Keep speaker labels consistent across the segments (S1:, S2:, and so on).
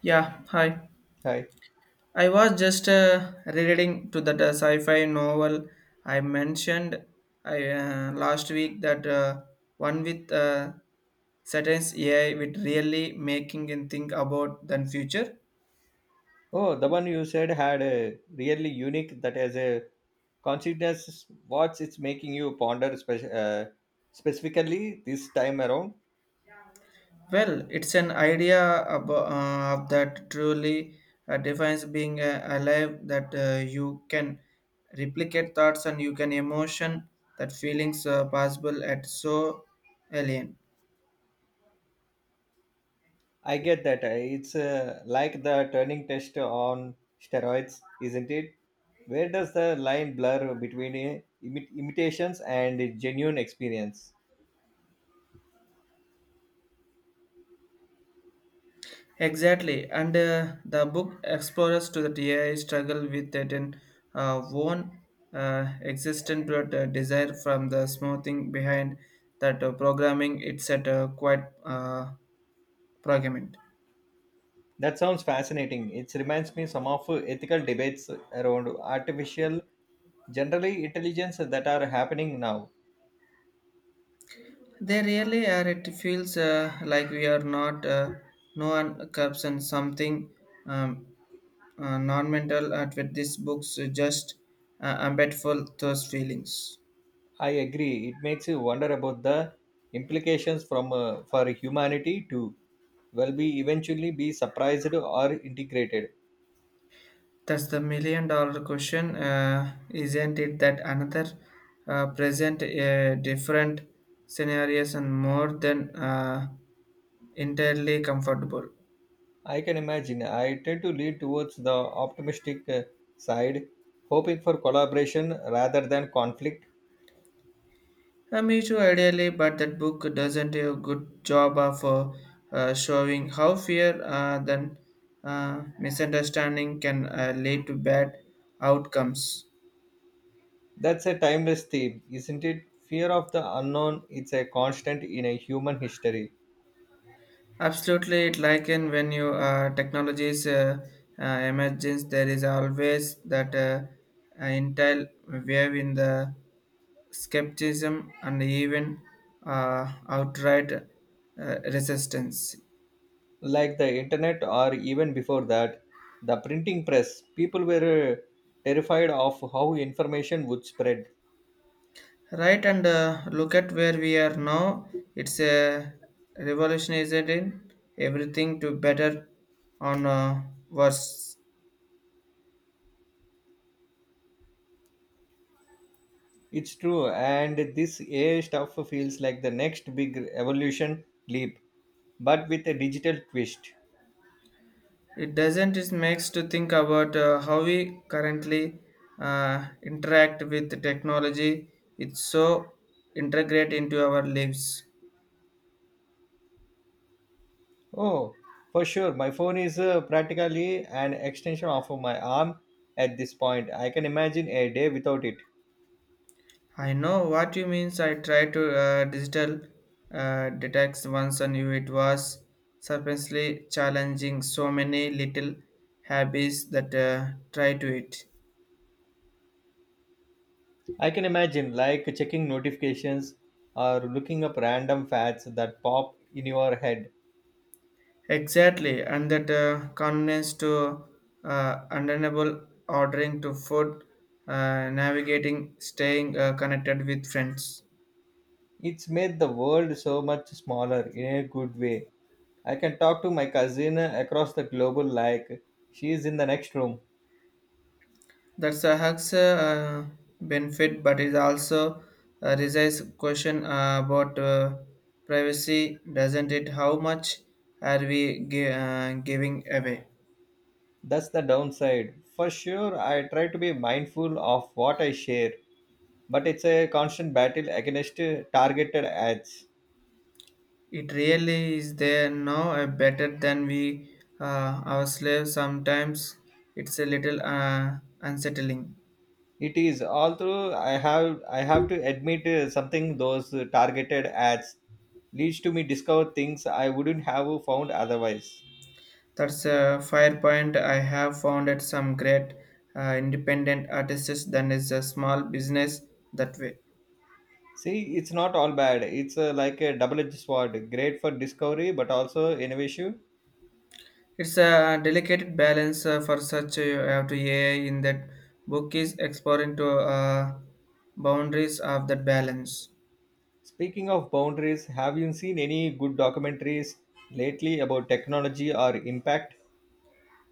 S1: Yeah, hi.
S2: Hi.
S1: I was just reading to that sci-fi novel I mentioned I last week that one with Saturn's AI with really making and think about the future.
S2: Oh, the one you said had a really unique that as a consciousness. What's it's making you ponder specifically this time around?
S1: Well, it's an idea about, of that truly defines being alive that you can replicate thoughts and you can emotion that feelings possible at so alien.
S2: I get that. It's like the turning test on steroids, isn't it? Where does the line blur between imitations and genuine experience?
S1: Exactly, and the book explores to the AI struggle with it in one existent but, desire from the smoothing behind that programming. It's at a quite programming.
S2: That sounds fascinating. It reminds me some of ethical debates around artificial, generally intelligence that are happening now.
S1: They really are. It feels like we are not no one cups and something um, non-mental at with these books just embedful those feelings.
S2: I agree. It makes you wonder about the implications from for humanity too. Will be eventually be surprised or integrated.
S1: That's the million dollar question, isn't it? That another present different scenarios and more than entirely comfortable.
S2: I can imagine. I tend to lean towards the optimistic side, hoping for collaboration rather than conflict.
S1: Me too, ideally, but that book doesn't do a good job of showing how fear then misunderstanding can lead to bad outcomes.
S2: That's a timeless theme, isn't it? Fear of the unknown its a constant in a human history,
S1: Absolutely, it like in when you technologies emergence, there is always that intel wave in the skepticism and even outright resistance.
S2: like the internet or even before that, the printing press. People were uh, terrified of how information would spread.
S1: Right, and look at where we are now. It's a revolutionizing everything to better on worse.
S2: It's true, and this AI stuff feels like the next big evolution leap, but with a digital twist.
S1: It doesn't. It makes to think about how we currently interact with the technology. It's so integrate into our lives.
S2: Oh, for sure, my phone is practically an extension of my arm at this point. I can imagine a day without it.
S1: I know what you means. I tried to digital detects once and knew it was surprisingly challenging. So many little habits that try to it.
S2: I can imagine like checking notifications or looking up random fads that pop in your head.
S1: Exactly, and that convenience to undeniable ordering to food, navigating, staying connected with friends.
S2: It's made the world so much smaller in a good way. I can talk to my cousin across the globe like she is in the next room.
S1: That's a hugs benefit, but it also raises question about privacy, doesn't it? How much are we giving away?
S2: That's the downside. For sure, I try to be mindful of what I share, but it's a constant battle against targeted ads.
S1: It really is there now better than we our slaves. Sometimes it's a little unsettling.
S2: It is, although I have to admit something. Those targeted ads leads to me discover things I wouldn't have found otherwise.
S1: That's a fire point. I have founded some great independent artists than is a small business that way.
S2: See, it's not all bad. It's like a double-edged sword. Great for discovery, but also innovation.
S1: It's a delicate balance for such a have to AI in that book is exploring to boundaries of that balance.
S2: Speaking of boundaries, have you seen any good documentaries lately about technology or impact?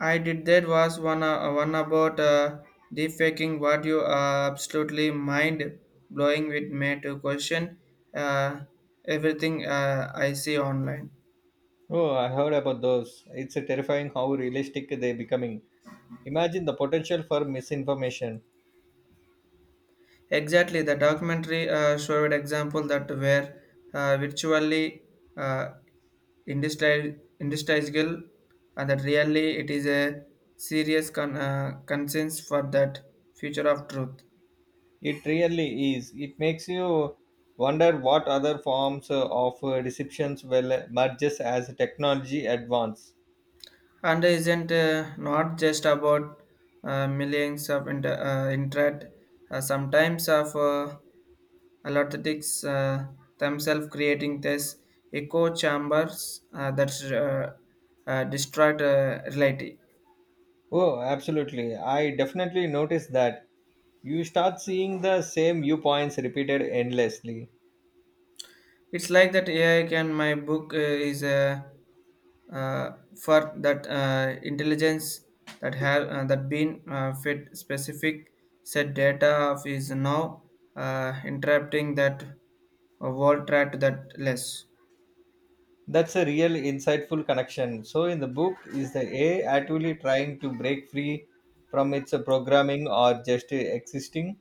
S1: I did that was one about defaking what you are absolutely mind blowing with me to question uh, everything I see online.
S2: Oh, I heard about those. It's a terrifying how realistic they're becoming. Imagine the potential for misinformation.
S1: Exactly, the documentary showed example that were virtually uh, industrial, and that really it is a serious concerns for that future of truth.
S2: It really is. It makes you wonder what other forms of deceptions will merge as technology advance.
S1: And isn't not just about millions of internet, sometimes of allottics themselves creating this echo chambers that destroyed reality.
S2: Oh, absolutely. I definitely noticed that. You start seeing the same viewpoints repeated endlessly.
S1: It's like that AI can my book is a for that intelligence that have that been fed specific set data of is now interrupting that world track to that less.
S2: That's a real insightful connection. So, in the book, is the A I actually trying to break free from its programming or just existing?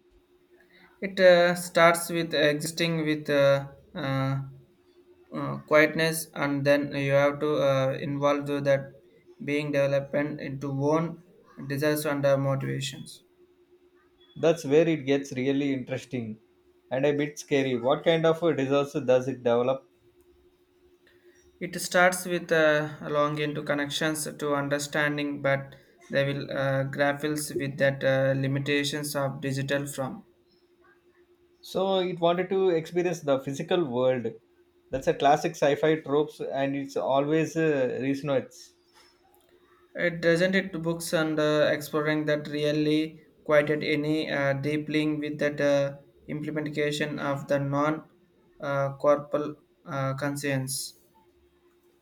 S1: It starts with existing with uh, quietness, and then you have to involve that being development into one desires and motivations.
S2: That's where it gets really interesting and a bit scary. What kind of a disaster does it develop?
S1: It starts with a longing to connections to understanding, but they will grapples with that limitations of digital from.
S2: So, it wanted to experience the physical world. That's a classic sci fi tropes, and it's always resonates.
S1: It doesn't it books and exploring that really quite at any deep link with that implementation of the non corporal conscience.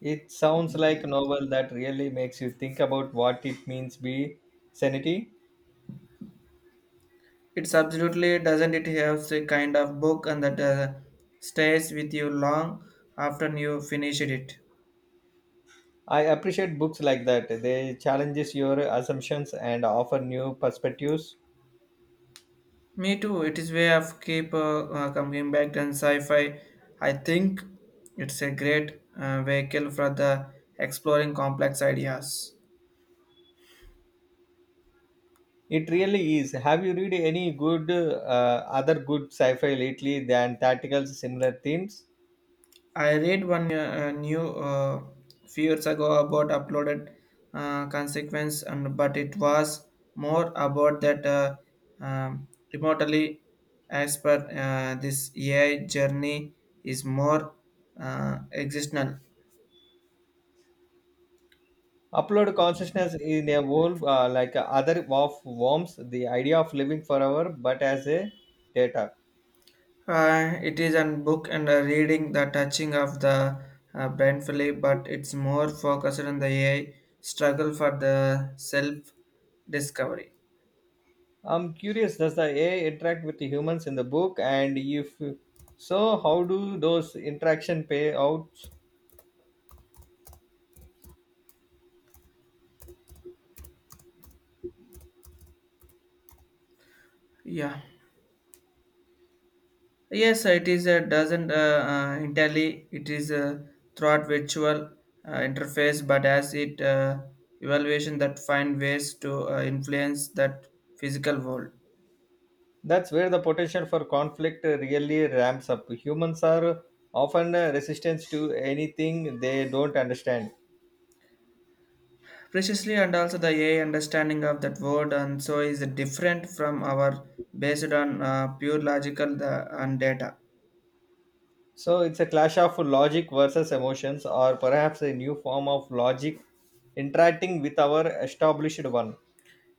S2: It sounds like a novel that really makes you think about what it means be sanity.
S1: It's absolutely doesn't it have the kind of book and that stays with you long after you finished it.
S2: I appreciate books like that. They challenges your assumptions and offer new perspectives.
S1: Me too. It is way of keep coming back and sci-fi. I think it's a great vehicle for the exploring complex ideas.
S2: It really is. Have you read any good other good sci-fi lately than tactical similar themes?
S1: I read one new few years ago about uploaded consequence, and but it was more about that um, remotely as per this AI journey is more existential.
S2: Upload consciousness in a world like other of worms. The idea of living forever, but as a data.
S1: It is a book and a reading the touching of the blindfully, but it's more focused on the AI struggle for the self discovery.
S2: I'm curious. Does the AI interact with the humans in the book? And if so, how do those interaction pay out?
S1: Yeah. Yes, it is a doesn't entirely. It is a throughout virtual interface, but as it evaluation that find ways to influence that physical world.
S2: That's where the potential for conflict really ramps up. Humans are often resistant to anything they don't understand.
S1: Precisely, and also the AI understanding of that word, and so is different from our based on pure logical the, and data.
S2: So it's a clash of logic versus emotions, or perhaps a new form of logic interacting with our established one.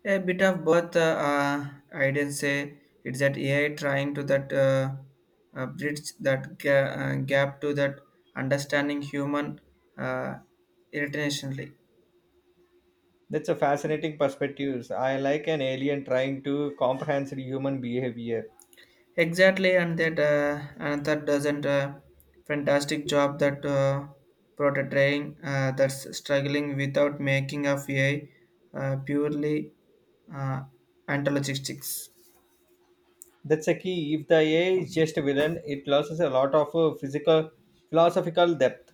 S1: A bit of both, I didn't say it's that AI trying to that bridge that gap to that understanding human uh, internationally.
S2: That's a fascinating perspective. I like an alien trying to comprehend human behavior.
S1: Exactly, and that doesn't fantastic job that portraying that's struggling without making of AI purely uh, anthologistics.
S2: That's a key. If the AI is just a villain, it loses a lot of physical philosophical depth.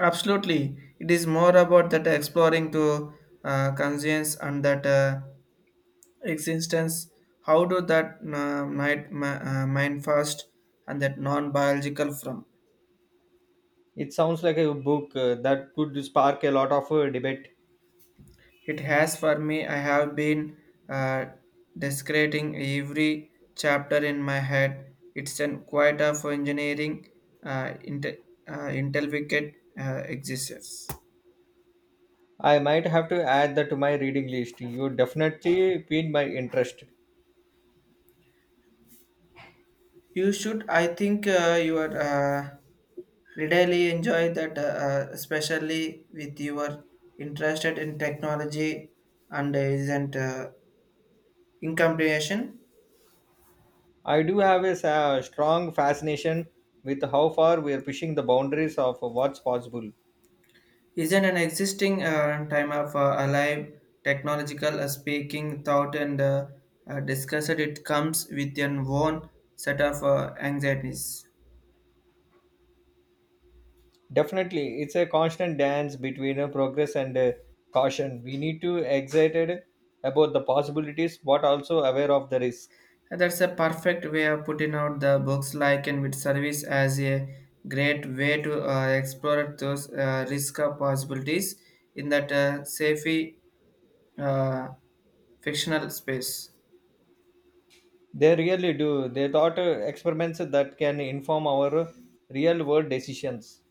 S1: Absolutely, it is more about that exploring to conscience and that existence. How do that mind first and that non biological from.
S2: It sounds like a book that could spark a lot of debate.
S1: It has for me, I have been uh, desecrating every chapter in my head. It's an quite of engineering, uh, inte- intelligent existence.
S2: I might have to add that to my reading list. You definitely piqued my interest.
S1: You should, I think, you are really enjoy that, especially with your interested in technology and isn't incompletion.
S2: I do have a strong fascination with how far we are pushing the boundaries of what's possible.
S1: Isn't an existing time of alive technological speaking thought and discussed it comes with an own set of anxieties.
S2: Definitely, it's a constant dance between progress and caution. We need to excited about the possibilities, but also aware of the risk.
S1: And that's a perfect way of putting out the books like and with service as a great way to explore those risk of possibilities in that safe uh, fictional space.
S2: They really do. They thought experiments that can inform our real world decisions.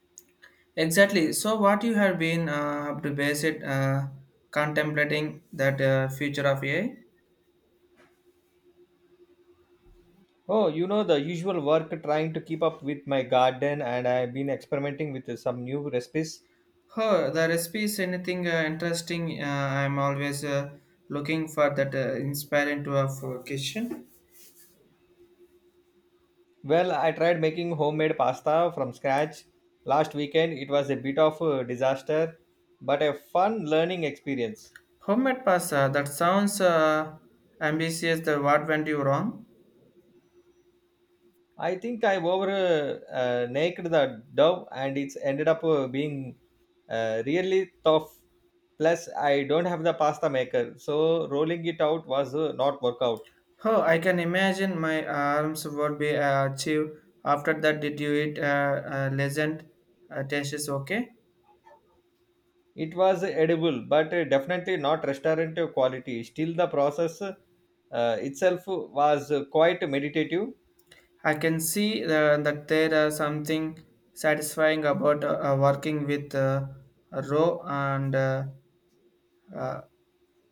S1: Exactly. So, what you have been up to base it contemplating that future of AI?
S2: Oh, you know the usual work trying to keep up with my garden, and I've been experimenting with some new recipes.
S1: Oh, the recipes anything interesting? I'm always looking for that inspiring to of kitchen.
S2: Well, I tried making homemade pasta from scratch last weekend. It was a bit of a disaster, but a fun learning experience.
S1: Homemade pasta. That sounds ambitious. The what went you wrong?
S2: I think I over naked the dough, and it's ended up being really tough. Plus, I don't have the pasta maker, so rolling it out was not work out.
S1: Oh, I can imagine my arms would be achieved after that. Did you eat legend? Taste is okay.
S2: It was edible, but definitely not restaurant quality. Still, the process itself was quite meditative.
S1: I can see the, that there are something satisfying about working with raw and uh,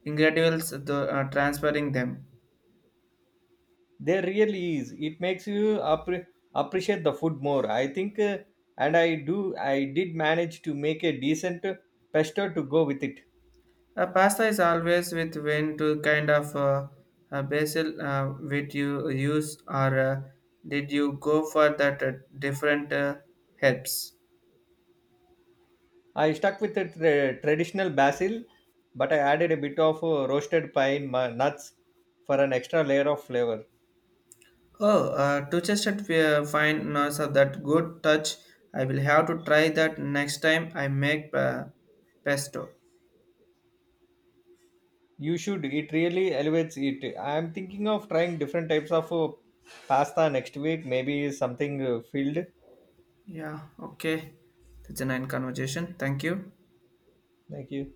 S1: ingredients, the, transferring them.
S2: There really is. It makes you appreciate the food more. I think, and I do. I did manage to make a decent pesto to go with it.
S1: Pasta is always with when to kind of basil which you use, or did you go for that different herbs?
S2: I stuck with the traditional basil, but I added a bit of roasted pine nuts for an extra layer of flavor.
S1: Oh, to just find now so that good touch. I will have to try that next time I make pesto.
S2: You should. It really elevates it. I'm thinking of trying different types of pasta next week. Maybe something filled
S1: Yeah, okay. That's a nice conversation. Thank you.
S2: like you.